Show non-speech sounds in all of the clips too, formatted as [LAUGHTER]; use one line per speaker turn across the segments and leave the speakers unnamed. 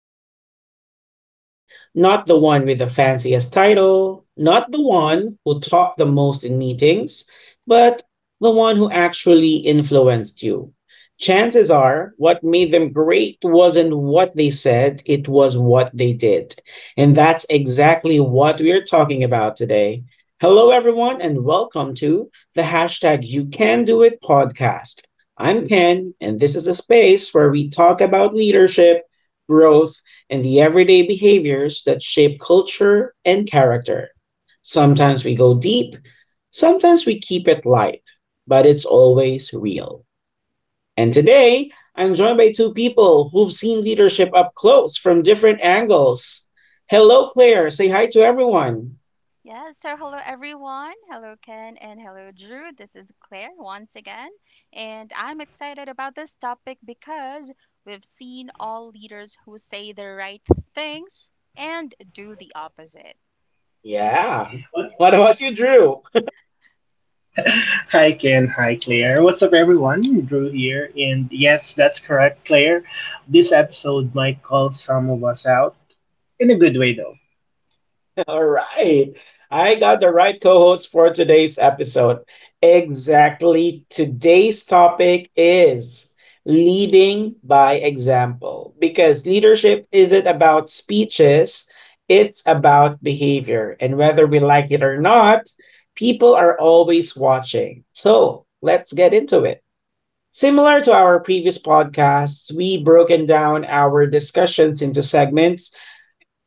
leader you've ever had. Not the one with the fanciest title, not the one who talked the most in meetings, but the one who actually influenced you. Chances are, what made them great wasn't what they said, it was what they did. And that's exactly what we're talking about today. Hello, everyone, and welcome to the hashtag You Can Do It podcast. I'm Ken, and this is a space where we talk about leadership, growth, and the everyday behaviors that shape culture and character. Sometimes we go deep, sometimes we keep it light, but it's always real. And today, I'm joined by two people who've seen leadership up close from different angles. Hello, Claire. Say hi to everyone.
Yeah, so hello everyone. Hello Ken and hello Drew. This is Claire once again, and I'm excited about this topic because we've seen all leaders who say the right things and do the opposite.
Yeah.
[LAUGHS]
What about you, Drew?
Hi Ken, hi Claire. What's up everyone? Drew here and yes, that's correct Claire. This episode might call some of us out in a good way though.
All right. I got the right co host for today's episode. Exactly. Today's topic is leading by example because leadership isn't about speeches, it's about behavior. And whether we like it or not, people are always watching. So let's get into it. Similar to our previous podcasts, we broken down our discussions into segments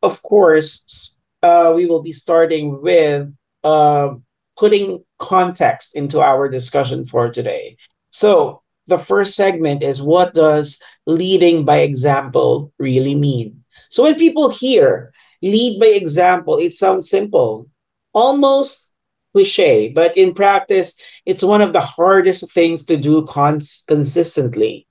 of course. We will be starting with uh, putting context into our discussion for today. So the first segment is, what does leading by example really mean? So when people hear lead by example, it sounds simple, almost cliche, but in practice, it's one of the hardest things to do consistently.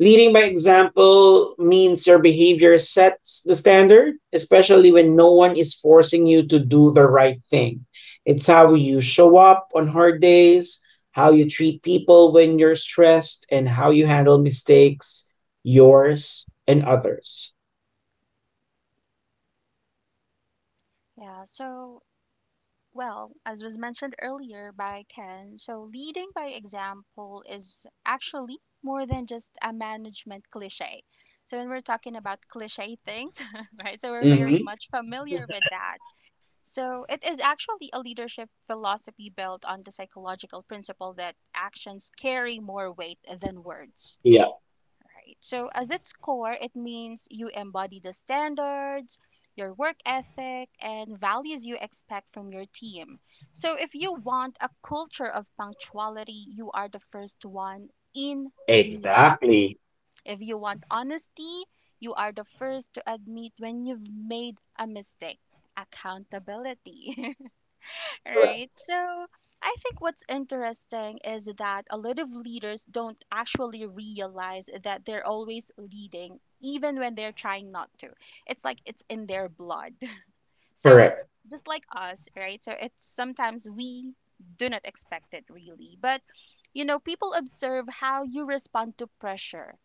Leading by example means your behavior sets the standard, especially when no one is forcing you to do the right thing. It's how you show up on hard days, how you treat people when you're stressed, and how you handle mistakes, yours and others.
Yeah, so as was mentioned earlier by Ken, so leading by example is actually more than just a management cliche. So when we're talking about cliche things, [LAUGHS] right? So we're very
Hmm.
much familiar with that. So it is actually a leadership philosophy built on the psychological principle that actions carry more weight than words.
Yeah,
Right. So as its core, it means you embody the standards, your work ethic, and values you expect from your team. So if you want a culture of punctuality, you are the first one in meeting.
exactly.
If you want honesty, you are the first to admit when you've made a mistake. Accountability. [LAUGHS] All right.
Correct.
So I think what's interesting is that a lot of leaders don't actually realize that they're always leading, even when they're trying not to. It's like it's in their blood. [LAUGHS] So
Correct.
just like us, right? So it's sometimes we do not expect it really. But, people observe how you respond to pressure,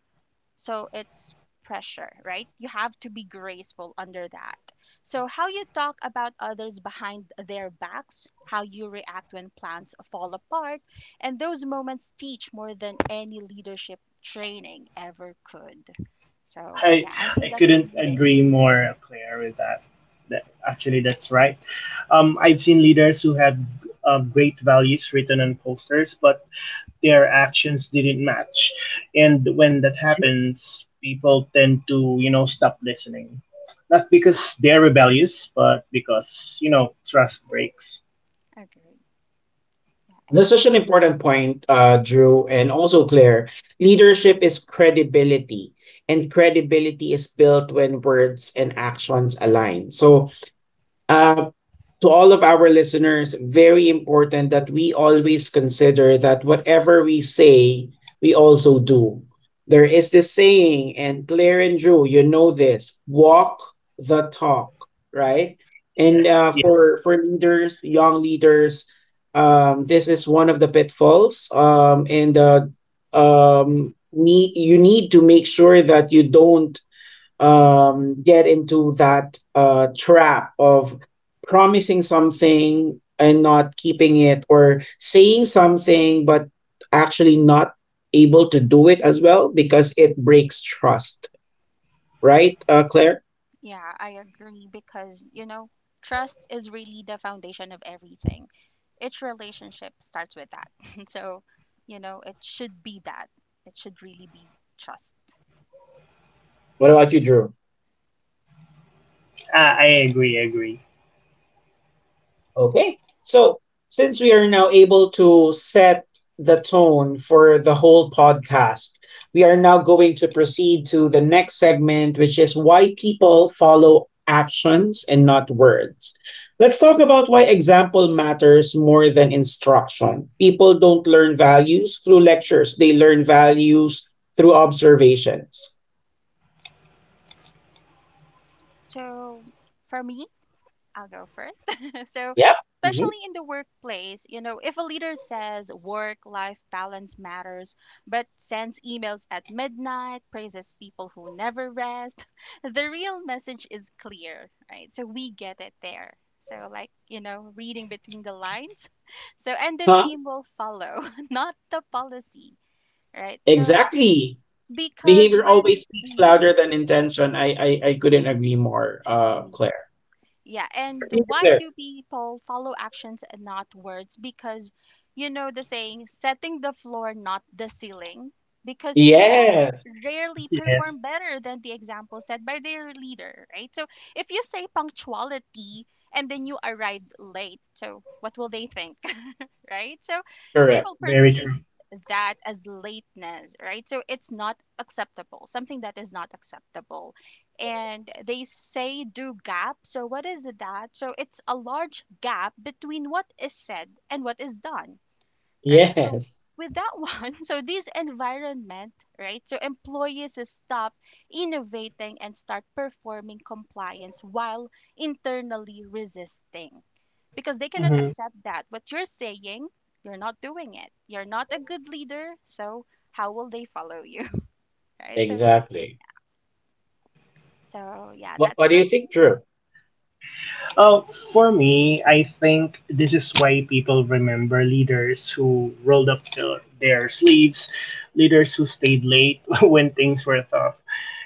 so it's pressure, right? You have to be graceful under that. So, how you talk about others behind their backs, how you react when plans fall apart, and those moments teach more than any leadership training ever could. So,
I
yeah, I think
I
that's
couldn't
leading.
agree
[LAUGHS]
more Claire with that, actually that's right. I've seen leaders who have great values written on posters but their actions didn't match. And when that happens, people tend to, you know, stop listening. Not because they're rebellious, but because, you know, trust breaks.
Agree. Yeah, and
That's
it's
such an
needed.
important point, Drew, and also Claire. Leadership is credibility, and credibility is built when words and actions align. So, uh, to all of our listeners, very important that we always consider that whatever we say, we also do. There is this saying, and Claire and Drew, you know this, walk the talk, right?
Yeah,
And uh,
yeah,
Agree.
that's
for, for
right.
leaders, young leaders, this is one of the pitfalls. You need to make sure that you don't get into that trap of promising something and not keeping it, or saying something but actually not able to do it as well, because it breaks trust. Right, Claire?
Yeah, I agree because, trust is really the foundation of everything. Each relationship starts with that. [LAUGHS] So, you know, it should be that. It should really be trust.
What about you, Drew?
I agree, I agree.
Okay. So, since we are now able to set the tone for the whole podcast, we are now going to proceed to the next segment, which is why people follow actions and not words. Let's talk about why example matters more than instruction. People don't learn values through lectures, they learn values through observations.
So, for me, I'll go first. [LAUGHS] So,
Yep. Hmm.
especially in the workplace, if a leader says work life balance matters, but sends emails at midnight, praises people who never rest, [LAUGHS] the real message is clear, right? So, we get it there. So, like, reading between the lines. [LAUGHS] So, and the
Huh?
team will follow, [LAUGHS] not the policy, right? So,
Exactly.
because
Behavior always
when,
speaks louder than intention. I couldn't agree more,
Mhm.
Claire.
Yeah, and
Continue,
why
Claire.
do people follow actions and not words? Because you know the saying, setting the floor, not the ceiling. Because people
Yes.
rarely
Yes,
perform better than the example set by their leader, right? So if you say punctuality and then you arrived late, so what will they think? Right? So they
Correct.
will
very
perceive
true.
that as lateness, right? So it's not acceptable, something that is not acceptable. And they say do gap. So what is that? So it's a large gap between what is said and what is done, right? So
Yes.
with that [LAUGHS] one, so this environment, right? So employees stop innovating and start performing compliance while internally resisting because they cannot
Mhm.
accept that. What you're saying, you're not doing it. You're not a good leader, so how will they follow you? [LAUGHS] Right? So
Exactly.
so yeah, that's
What do
for
you
me.
think, Drew?
Uh, for me, I think this is why people remember leaders who rolled up their sleeves, leaders who stayed late [LAUGHS] when things were tough,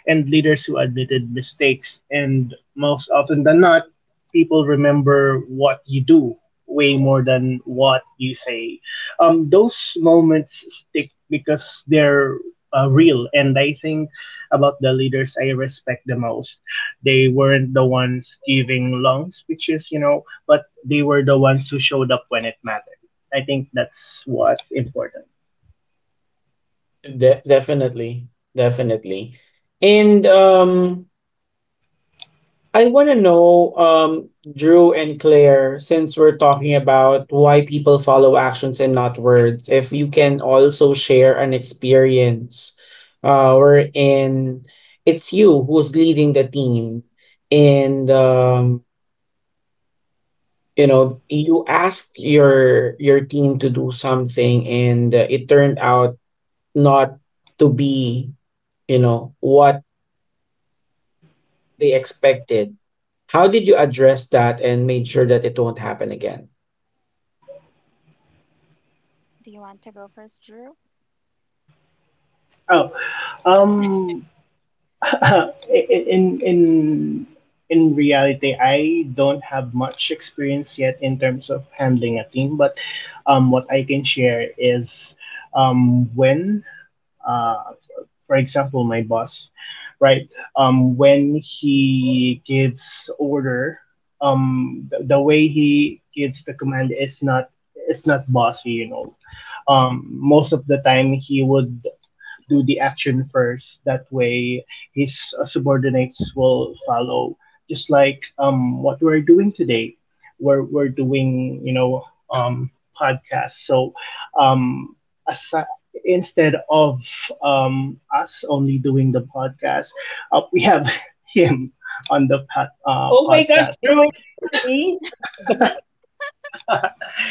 and leaders who admitted mistakes. And most often than not, people remember what you do way more than what you say. Those moments stick because they're real, and I think about the leaders I respect the most they weren't the ones giving long speeches, you know, but they were the ones who showed up when it mattered. I think that's what's important.
Definitely. Definitely. And um, I want to know, Drew and Claire, since we're talking about why people follow actions and not words, if you can also share an experience wherein it's you who's leading the team, and you know, you ask your team to do something, and it turned out not to be, you know, what they expected. How did you address that and made sure that it won't happen again?
Do you want to go first, Drew?
Oh, um, [LAUGHS] in in in reality, I don't have much experience yet in terms of handling a team, but what I can share is when uh, for example, my boss, right? When he gives order, the way he gives the command is not it's not bossy, you know. Most of the time, he would do the action first. That way, his subordinates will follow. Just like what we're doing today, we're doing you know podcasts. So um, as instead of us only doing the podcast, we have [LAUGHS] him on the
Oh my gosh,
podcast.
Drew,
So
is that
it's
me? Oh my [LAUGHS] god.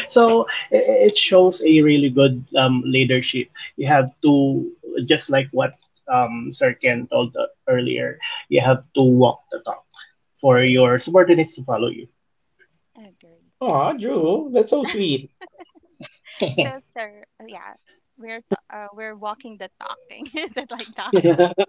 so it shows a really good leadership. You have to just like what Sir Ken told earlier. You have to walk the talk for your subordinates to follow you.
Agree.
Aw, Drew, that's so sweet.
Mm.
So sir, yeah, we're walking the talking. [LAUGHS] Is it like that?
[LAUGHS] What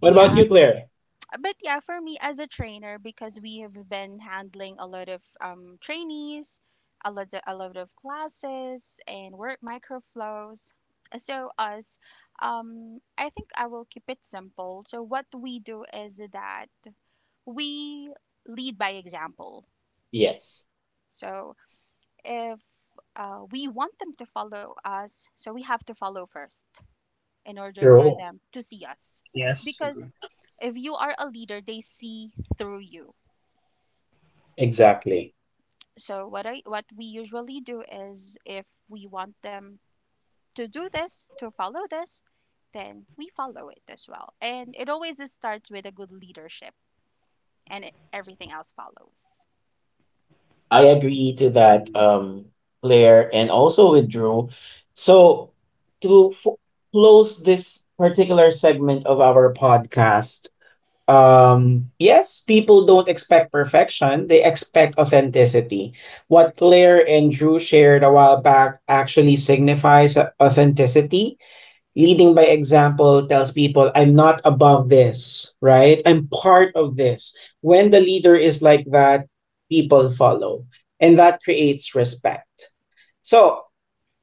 about you, Claire?
But yeah, for me as a trainer, because we have been handling a lot of trainees, a lot of classes and work microflows. So us, I think I will keep it simple. So what we do is that we lead by example.
Yes.
So if we want them to follow us, so we have to follow first in order for
Drew.
them to see us, right?
Yes,
Because
yeah,
if you are a leader, they see through you.
Exactly.
So what we usually do is if we want them to do this, to follow this, then we follow it as well. And it always is starts with a good leadership and it, everything else follows.
I agree to
I
that,
agree.
Claire, and also with Drew. So, to close this particular segment of our podcast, yes, people don't expect perfection, they expect authenticity. What Claire and Drew shared a while back actually signifies authenticity. Leading by example tells people, I'm not above this, right? I'm part of this. When the leader is like that, people follow, and that creates respect. So,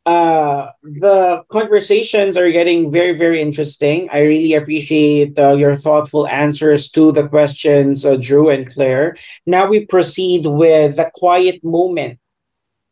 the conversations are getting very, very interesting. I really appreciate your thoughtful answers to the questions, Drew and Claire. Now we proceed with the quiet moment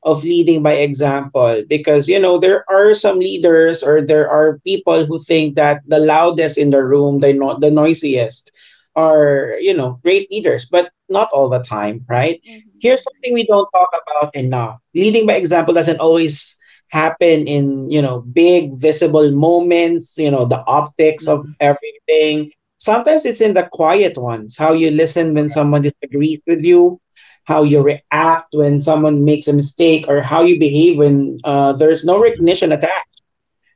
of leading by example, because you know, there are some leaders, or there are people who think that the loudest in the room, the the noisiest are, you know, great leaders, but not all the time, right?
Hmm,
Here's something
agree.
we don't talk about enough. Leading by example doesn't always happen in, you know, big visible moments, you know, the optics of
Hmm.
everything. Sometimes it's in the quiet ones. How you listen when
Right.
someone disagrees with you, how you react when someone makes a mistake, or how you behave when there's no
Hmm.
recognition attached.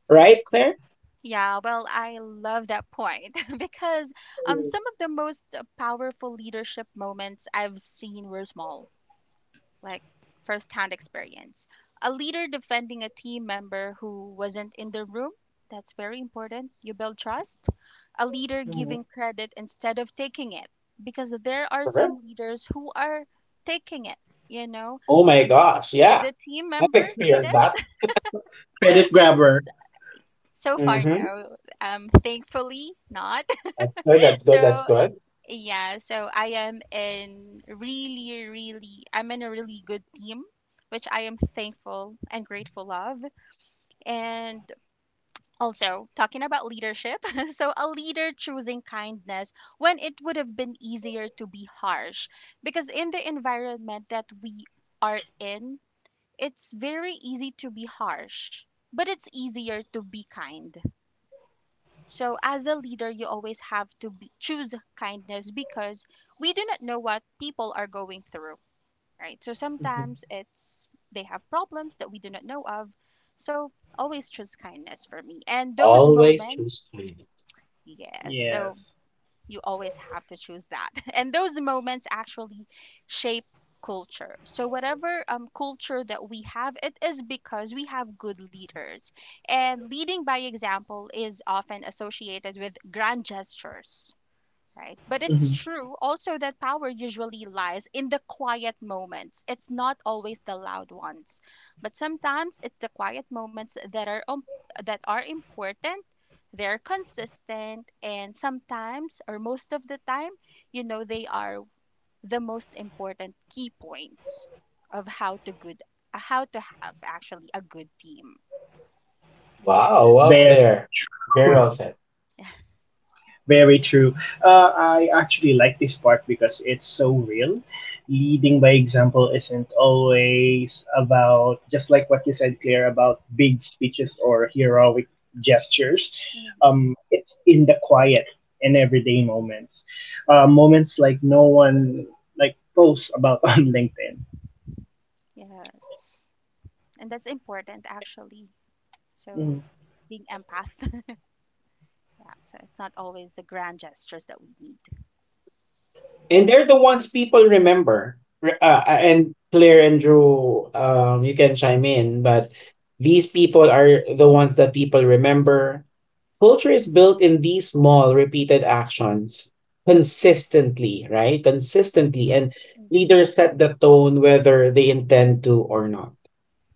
Right, Claire?
Yeah.
Yeah, well, I love that point [LAUGHS] because
Mm.
some of the most powerful leadership moments I've seen were small like first-hand experience. A leader defending a team member who wasn't in the room, that's very important. You build trust. A leader
Hmm.
giving credit instead of taking it, because there are
Correct.
some leaders who are taking it. You know,
Oh my gosh. Yeah.
the team
I've
member did
experienced that.
it.
[LAUGHS] Cr- credit
S-
grabber.
So far,
Mm-hmm.
no. Thankfully, not.
That's good.
[LAUGHS]
That's good. That's
So
good.
yeah, so I am in really, really, I'm in a really good team, which I am thankful and grateful of. And also, talking about leadership, [LAUGHS] so a leader choosing kindness when it would have been easier to be harsh. Because in the environment that we are in, it's very easy to be harsh, but it's easier to be kind. So, as a leader, you always have to be, choose kindness because we do not know what people are going through, right? So
Hmm.
sometimes it's they have problems that we do not know of. So always choose kindness for me. And those
Always
moments,
choose kindness.
yes. So
Yes.
you always have to choose that. [LAUGHS] And those moments actually shape culture. So whatever culture that we have, it is because we have good leaders. And leading by example is often associated with grand gestures, right? But it's
Hmm.
true also that power usually lies in the quiet moments. It's not always the loud ones, but sometimes it's the quiet moments that are important. They're consistent, and sometimes, or most of the time, you know, they are the most important key points of how to good, how to have actually a good team.
Wow. Well,
Very
Claire. Very
true.
well
[LAUGHS]
said.
Very true. I actually like this part because it's so real. Leading by example isn't always about, just like what you said, Claire, about big speeches or heroic gestures.
Mhm.
It's in the quiet and everyday moments. Moments like no one like posts about [LAUGHS] on LinkedIn.
Yes, and that's important actually.
Mhm.
So, being empathetic. Yeah, so it's not always the grand gestures that we need.
And they're the ones people remember. And Claire and Drew, you can chime in, but these people are the ones that people remember. Culture is built in these small, repeated actions consistently, right? Consistently. And
Hmm.
leaders set the tone whether they intend to or not.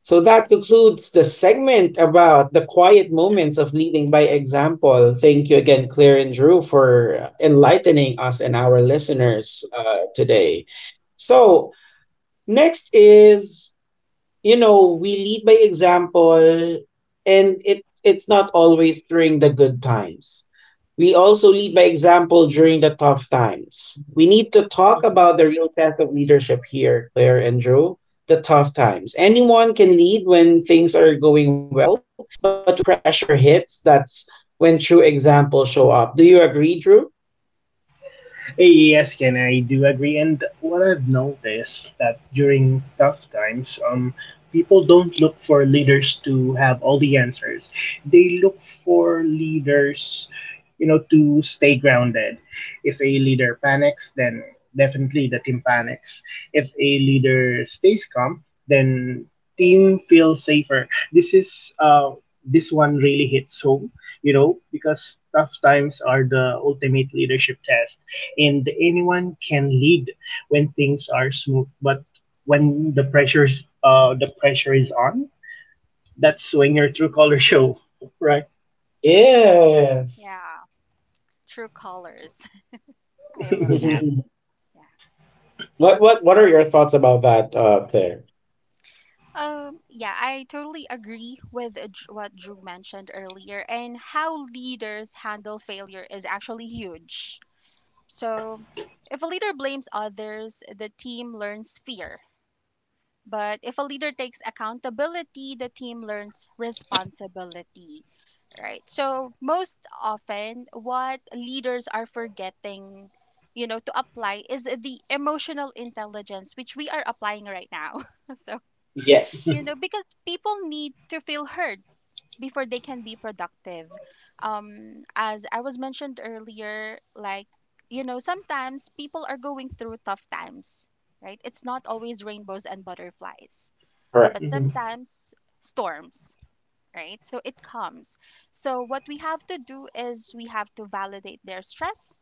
So that concludes the segment about the quiet moments of leading by example. Thank you again, Claire and Drew, for enlightening us and our listeners today. So, next is, you know, we lead by example, and it it's not always during the good times. We also lead by example during the tough times. We need to talk
Mhm.
about the real test of leadership here, Claire and Joe, the tough times. Anyone can lead when things are going well, but when pressure hits, that's when true examples show up. Do you agree, Drew?
Yes, Ken, I do agree. And what I've noticed that during tough times, people don't look for leaders to have all the answers. They look for leaders, you know, to stay grounded. If a leader panics, then definitely the team panics. If a leader stays calm, then team feels safer. This is this one really hits home, you know, because tough times are the ultimate leadership test and anyone can lead when things are smooth but when the pressure's the pressure is on that's when your true color show, right?
Yes.
Yeah, true colors. [LAUGHS] I love that.
[LAUGHS] Yes.
[LAUGHS]
Yeah.
What are your thoughts about that there?
Yeah, I totally agree with what Drew mentioned earlier, and how leaders handle failure is actually huge. So, if a leader blames others, the team learns fear. But if a leader takes accountability, the team learns responsibility. Right. So most often what leaders are forgetting, you know, to apply is the emotional intelligence which we are applying right now. [LAUGHS] So, you
Yes.
know, because people need to feel heard before they can be productive. As I was mentioned earlier, like, you know, sometimes people are going through tough times, right? It's not always rainbows and butterflies
Correct.
but
Hmm.
sometimes storms, right? So it comes. So what we have to do is we have to validate their stress,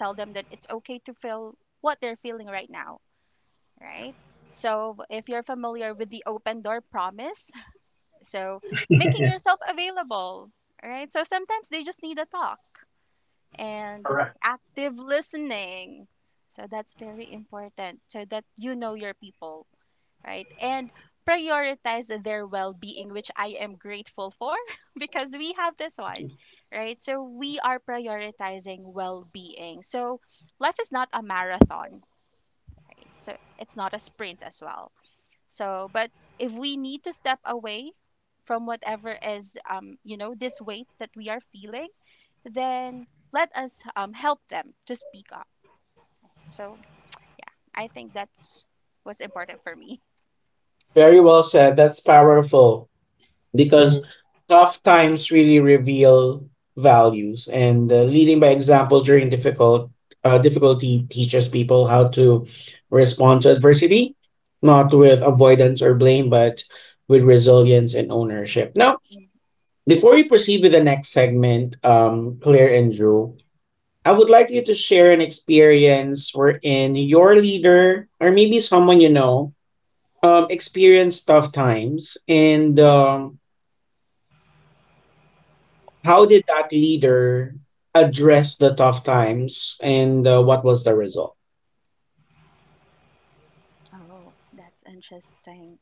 tell them that it's okay to feel what they're feeling right now, right? So if you're familiar with the open door promise, [LAUGHS] so making yourself available, right? So sometimes they just need a talk and
Correct.
active listening. So that's very important so that you know your people, right? And prioritize their well being, which I am grateful for [LAUGHS] because we have this one, right? So we are prioritizing well being. So life is not a marathon, right? So it's not a sprint as well. So, but if we need to step away from whatever is, you know, this weight that we are feeling, then let us help them to speak up. So, yeah, I think that's what's important for me.
Very well said. That's powerful. Because
Hmm.
tough times really reveal values, and leading by example during difficulty teaches people how to respond to adversity, not with avoidance or blame, but with resilience and ownership. Now, before we proceed with the next segment, Claire and Drew, I would like you to share an experience wherein your leader, or maybe someone you know, experienced tough times, and how did that leader address the tough times, and what was the result?
Oh, that's interesting.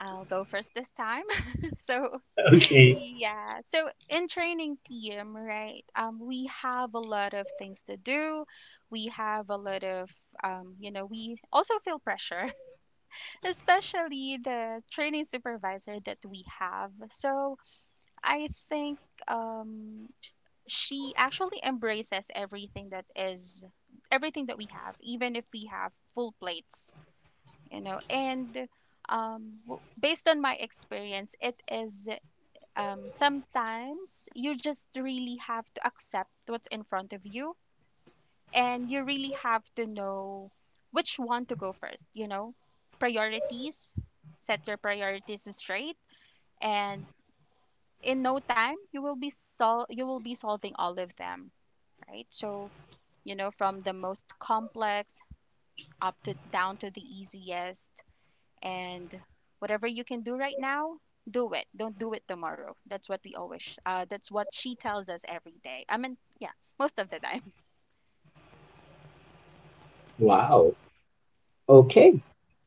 I'll go first this time. [LAUGHS] So,
[LAUGHS] Okay.
yeah. So, in training team, right? We have a lot of things to do. We have a lot of, you know, we also feel pressure, [LAUGHS] especially the training supervisor that we have. So, I think um, she actually embraces everything that is everything that we have, even if we have full plates, you know. And based on my experience it is, sometimes you just really have to accept what's in front of you, and you really have to know which one to go first, you know, priorities, set your priorities straight, and in no time you will be you will be solving all of them, right? So you know, from the most complex up to down to the easiest, and whatever you can do right now, do it, don't do it tomorrow. That's what we always that's what she tells us every day. I mean, yeah, most of the time.
Wow. Okay.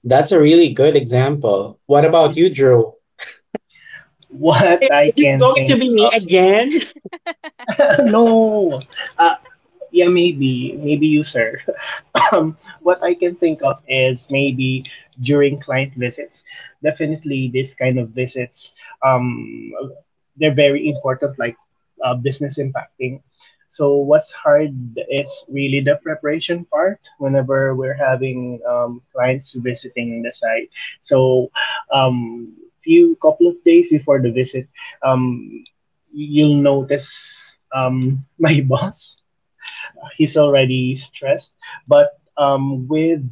That's a really good example. What about you,
Hmm.
Drew?
What I
Is it
can
going to
think
be me
of.
again? [LAUGHS]
[LAUGHS] No, uh yeah, maybe maybe you sir. [LAUGHS] um, what
[LAUGHS]
I can think of is maybe during client visits. Definitely, this kind of visits, um, they're very important, like business impacting. So what's hard is really the preparation part whenever we're having clients visiting the site. So um, few couple of days before the visit, um, you'll notice [LAUGHS] my boss he's already stressed. But um, with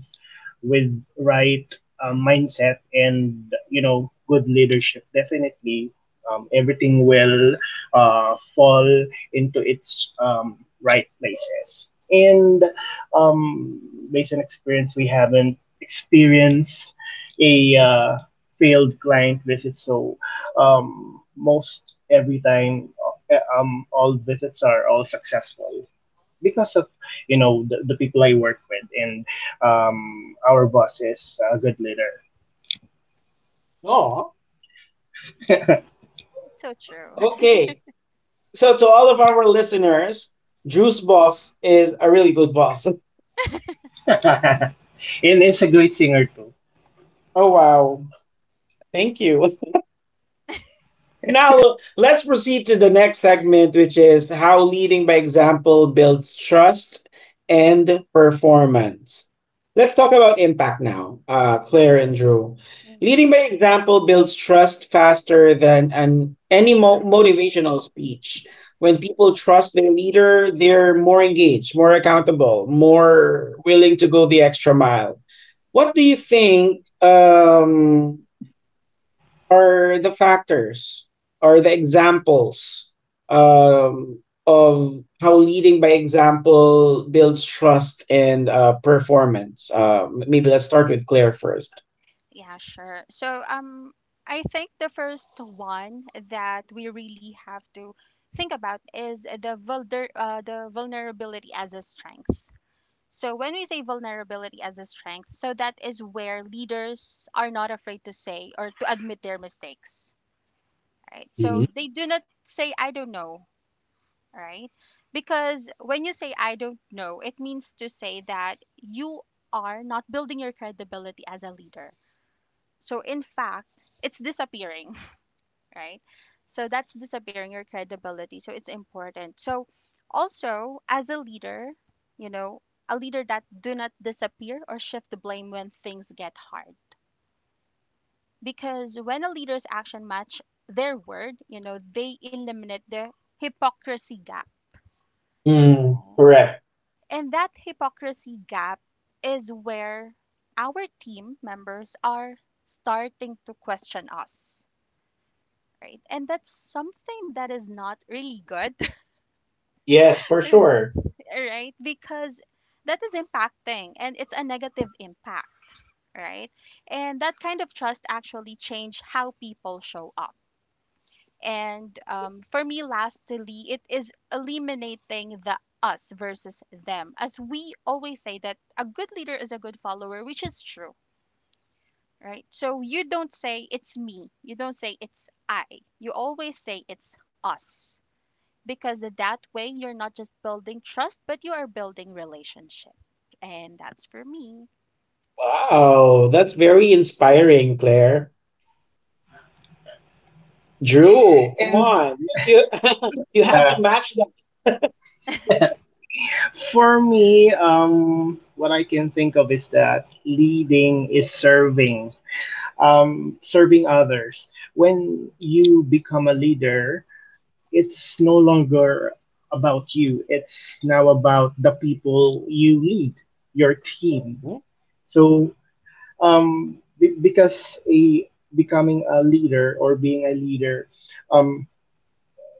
with right mindset and you know good leadership, definitely everything will fall into its right places. And based on experience, we haven't experienced a failed client visit. So most every time, all visits are all successful because of you know the people I work with and our boss is a good leader.
No.
So true. [LAUGHS]
Okay. So, to all of our listeners, Drew's boss is a really good boss. [LAUGHS]
[LAUGHS] And is a great singer too.
Oh, wow. Thank you. [LAUGHS] Now, let's proceed to the next segment, which is how leading by example builds trust and performance. Let's talk about impact now, Claire and Drew.
Mm.
Leading by example builds trust faster than any motivational speech. When people trust their leader, they're more engaged, more accountable, more willing to go the extra mile. What do you think are the factors or the examples of how leading by example builds trust and performance? Maybe let's start with Claire first.
Yeah, sure. So I think the first one that we really have to think about is the vulnerability as a strength. So when we say vulnerability as a strength, so that is where leaders are not afraid to say or to admit their mistakes, right?
Mhm.
So they do not say I don't know, right? Because when you say I don't know, it means to say that you are not building your credibility as a leader. So in fact, it's disappearing, [LAUGHS] right? So that's disappearing your credibility. So it's important. So also as a leader, you know, a leader that do not disappear or shift the blame when things get hard, because when a leader's action match their word, you know, they eliminate the hypocrisy gap.
Mm,
Uh,
correct.
And that hypocrisy gap is where our team members are starting to question us, right? And that's something that is not really good,
Yes, for
[LAUGHS]
sure.
right? Because that is impacting and it's a negative impact, right? And that kind of trust actually change how people show up. And for me, lastly, it is eliminating the us versus them. As we always say that a good leader is a good follower, which is true, right? So you don't say it's me, you don't say it's I, you always say it's us. Because that way, you're not just building trust, but you are building relationship. And that's for me.
Wow, that's very inspiring, Claire. Drew, come
And
on. You, [LAUGHS] you have to
yeah,
match that.
for me what I can think of is that leading is serving, serving others. When you become a leader it's no longer about you, it's now about the people you lead, your team. So because a becoming a leader or being a leader, um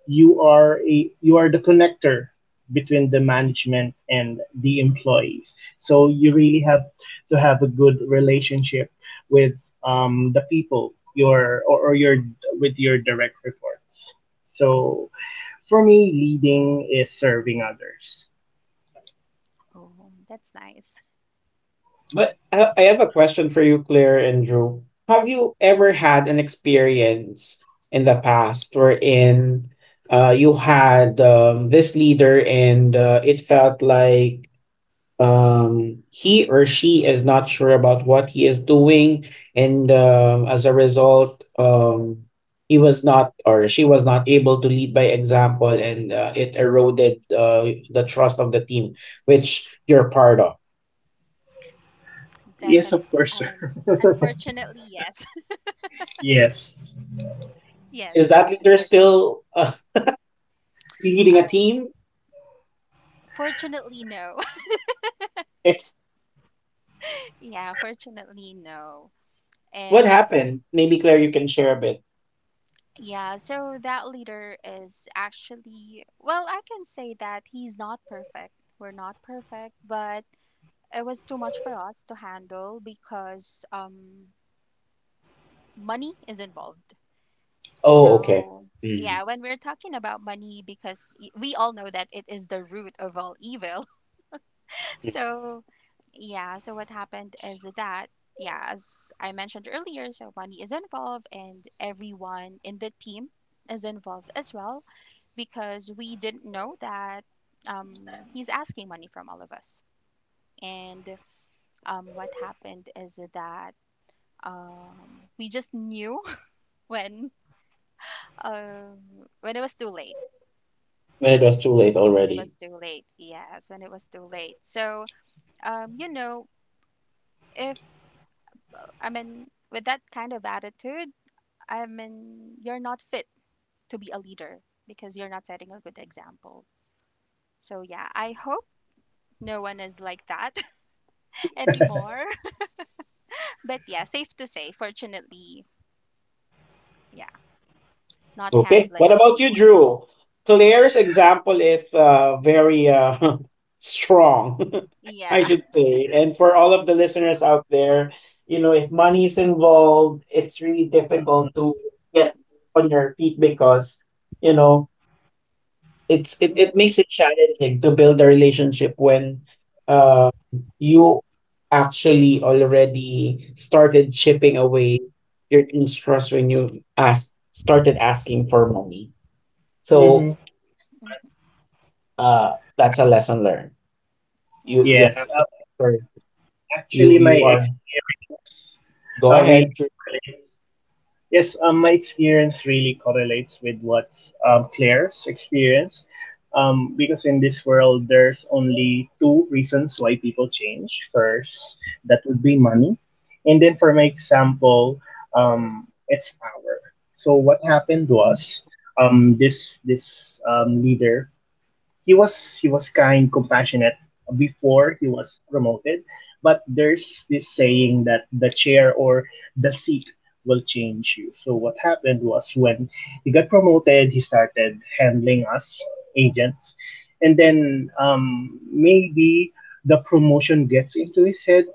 you are a you are the connector between the management and the employees, so you really have to have a good relationship with the people your or your with your direct reports. So for me leading is serving others.
Oh, that's nice.
But I have a question for you, Claire and Drew. Have you ever had an experience in the past wherein you had this leader, and it felt like he or she is not sure about what he is doing, and as a result, he was not, or she was not able to lead by example, and it eroded the trust of the team, which you're part of.
Yes
Definitely.
of course
I
sir.
mean,
[LAUGHS]
unfortunately, yes. [LAUGHS]
Yes.
Is
Yes, yes,
that leader
unfortunately.
still [LAUGHS] leading
Uh,
a team?
fortunately, no.
Eh,
Yeah, fortunately, no.
what
And
happened? Maybe Claire, you can share a bit.
yeah, so that leader is actually, well, I can say that he's not perfect. We're not perfect, but it was too much for us to handle because money is involved.
Oh, okay.
So, yeah,
Mm.
when we're talking about money, because we all know that it is the root of all evil. So, yeah, so what happened is that, yeah, as I mentioned earlier, so money is involved and everyone in the team is involved as well because we didn't know that he's asking money from all of us. And what happened is that um, we just knew [LAUGHS] when, um, when it was too late.
When it was too late
When it
already.
was too late, yes, when it was too late. So, you know, if I mean, with that kind of attitude, I mean, you're not fit to be a leader because you're not setting a good example. So, yeah, I hope no one is like that [LAUGHS] anymore. [LAUGHS] But yeah, safe to say, fortunately, yeah, not
Okay. What
handling
about you,
anymore.
Drew? Claire's example is very [LAUGHS] strong, [LAUGHS] I
Yeah.
should
[LAUGHS]
say. And for all of the listeners out there, you know, if money is involved, it's really difficult
Mm-hmm.
to get on your feet because, you know, it's it makes it challenging to build a relationship when uh, you actually already started chipping away your team's trust when you asked started asking for money.
Mm-hmm.
So
Mhm.
that's a
Act-
lesson learned. You
Yeah,
you
yes.
have to, or you
Actually, my
you are,
experience
go ahead,
really
Drew.
correlates. Yes, my experience really correlates with what's Claire's experience. Because in this world, there's only two reasons why people change. First, that would be money. And then, for my example, it's power. So, what happened was this leader he was kind, compassionate before he was promoted, but there's this saying that the chair or the seat will change you. So what happened was when he got promoted, he started handling us agents, and then maybe the promotion gets into his head.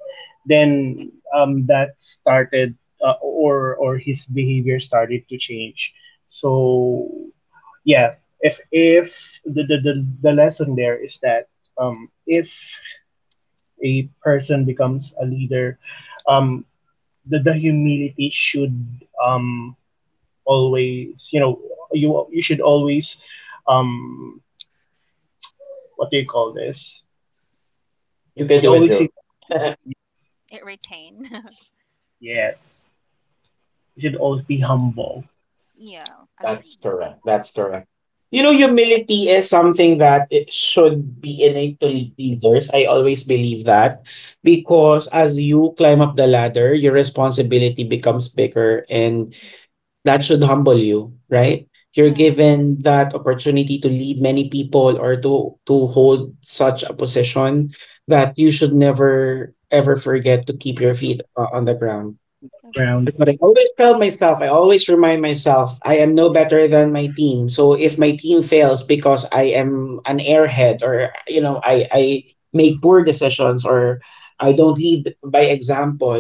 Then that started, or his behavior started to change. So yeah, if the lesson there is that if a person becomes a leader, um, the humility should um, always you know you should always um what do you call this?
You can
You
do it,
always
Drew.
need to
[LAUGHS]
yes
it retain. [LAUGHS]
yes you should always be humble.
Yeah,
That's
agree.
correct. That's correct. You know, humility is something that it should be innate to leaders. I always believe that, because as you climb up the ladder, your responsibility becomes bigger, and that should humble you, right? You're
Yeah,
given that opportunity to lead many people, or to hold such a position, that you should never, ever forget to keep your
Mm-hmm.
feet on the ground.
On the ground.
That's
agree.
what I always tell myself. I always remind myself, I am no better than my team. So if my team fails because I am an airhead, or you know, I make poor decisions, or I don't lead by example,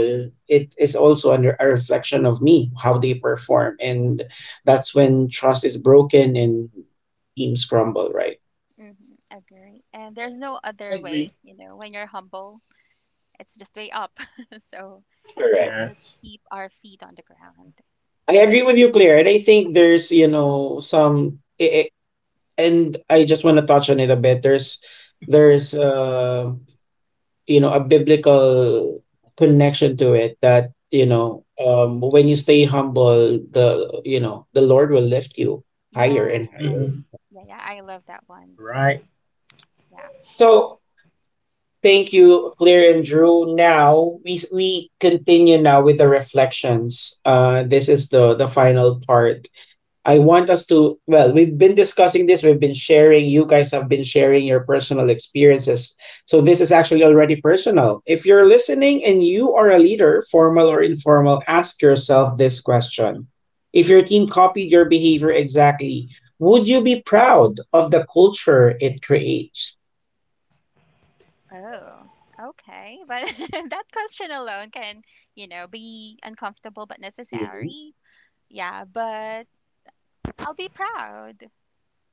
it is also under a reflection of me how they perform, and that's when trust is broken and teams crumble. Right.
Hmm, agree. And there's no other way,
Agree.
you know, when you're humble, it's just way up. [LAUGHS] So, yeah,
Correct.
let's
Yes.
keep our feet on the ground.
I agree with you, Claire, and I think there's, you know, some, and I just want to touch on it a bit. There's you know, a biblical connection to it, that, you
Mm,
know, um, when you stay humble, the, you know, the Lord will lift you higher
yeah,
and
yeah,
higher.
Mm-hmm.
yeah, yeah. I love that one too.
Right.
Yeah.
So thank you, Claire and Drew. Now we continue now with the reflections. This is the final part. I want us to, well, we've been discussing this, we've been sharing, you guys have been sharing your personal experiences. So this is actually already personal. If you're listening and you are a leader, formal or informal, ask yourself this question. If your team copied your behavior exactly, would you be proud of the culture it creates?
Oh, okay. But [LAUGHS] that question alone can, you know, be uncomfortable but
Mhm.
necessary. Yeah, but I'll be proud.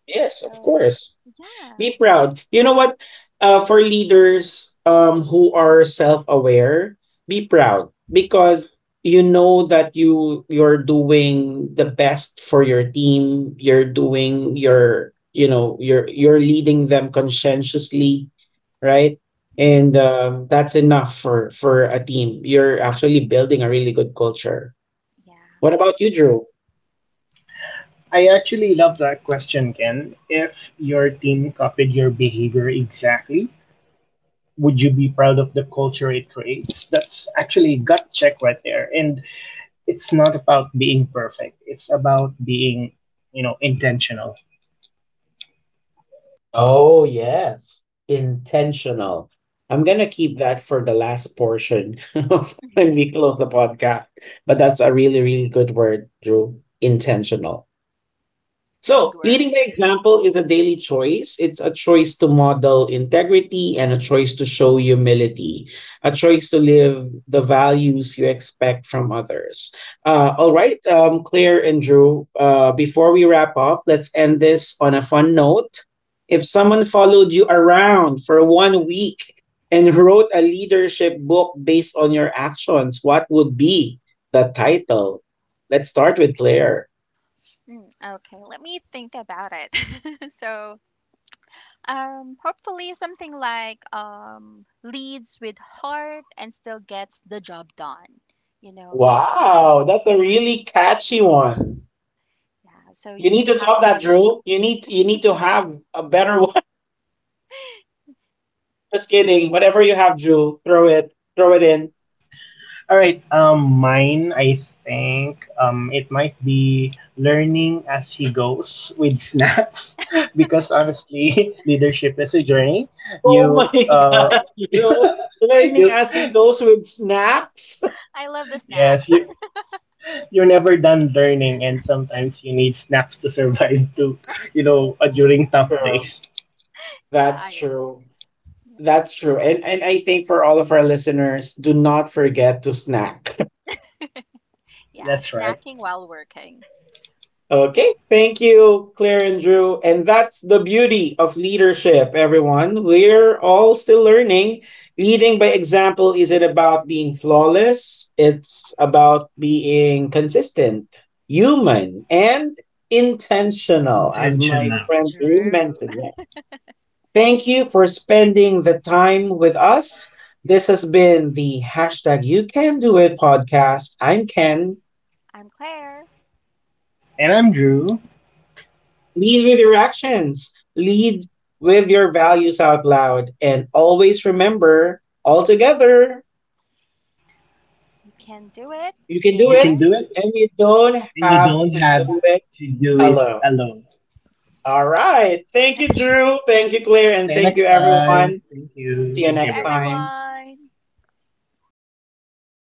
Yes, of
So,
course.
yeah,
Be proud. You know what? For leaders who are self-aware, be proud, because you know that you you're doing the best for your team. You're doing your, you know, you're leading them conscientiously, right?
mm,
And that's enough for a team. You're actually building a really good culture.
yeah.
What about you, Drew?
I actually love that question, Ken. If your team copied your behavior exactly, would you be proud of the culture it creates? That's actually gut check right there. And it's not about being perfect. It's about being, you know, intentional.
Oh, yes. Intentional. I'm going to keep that for the last portion [LAUGHS] of when we close the podcast. But that's a really, really good word, Drew. Intentional.
[LAUGHS] Big
So,
word.
leading by example is a daily choice. It's a choice to model integrity, and a choice to show humility, a choice to live the values you expect from others. All right, Claire and Drew, before we wrap up, let's end this on a fun note. If someone followed you around for one week and wrote a leadership book based on your actions, what would be the title? Let's start with Claire.
Mm, okay, let me think about it. [LAUGHS] So, hopefully something like leads with heart and still gets the job done. You know, you have
Wow, that's a
yeah,
really catchy one.
yeah. So
You need
you
to
have
top
to
that,
lead with
Drew. You need to have a better [LAUGHS] one. Just kidding. Whatever you have, Drew, throw it in.
All right, mine, I think it might be learning as he goes with snaps [LAUGHS] because honestly, [LAUGHS] leadership is a journey.
Oh
You,
my [LAUGHS] God,
[LAUGHS]
Drew! Learning
you,
as he goes with snaps.
heart. I love the snacks.
yes, you,
[LAUGHS]
you're never done learning and sometimes you need snacks to survive [LAUGHS] too, you know, during
[LAUGHS]
tough
True.
days.
Yeah, I
That's
agree.
true. That's true. And I think for all of our listeners, do not forget to snack.
Yeah,
That's right.
snacking while working.
Okay, thank you, Claire and Drew. And that's the beauty of leadership, everyone. We're all still learning. Leading by example isn't about being flawless, it's about being consistent, human, and intentional, as my
Intentional.
friend Drew
Drew.
mentioned. Yeah. Thank you for spending the time with us. This has been the hashtag You Can Do It podcast. I'm Ken.
[LAUGHS] I'm Claire.
And I'm Drew.
Lead with your actions, lead with your values out loud, and always remember, all together,
You can do it.
you can do
You can
it,
do
And
it
and you don't
and you
have
don't
to
have
do it
to do it
alone.
alone.
All right. Thank you, Drew. Thank you, Claire. And
See you
thank
next
you,
time.
everyone.
Thank you.
See you
thank
Thank
you
you
next
everyone.
time.
everyone.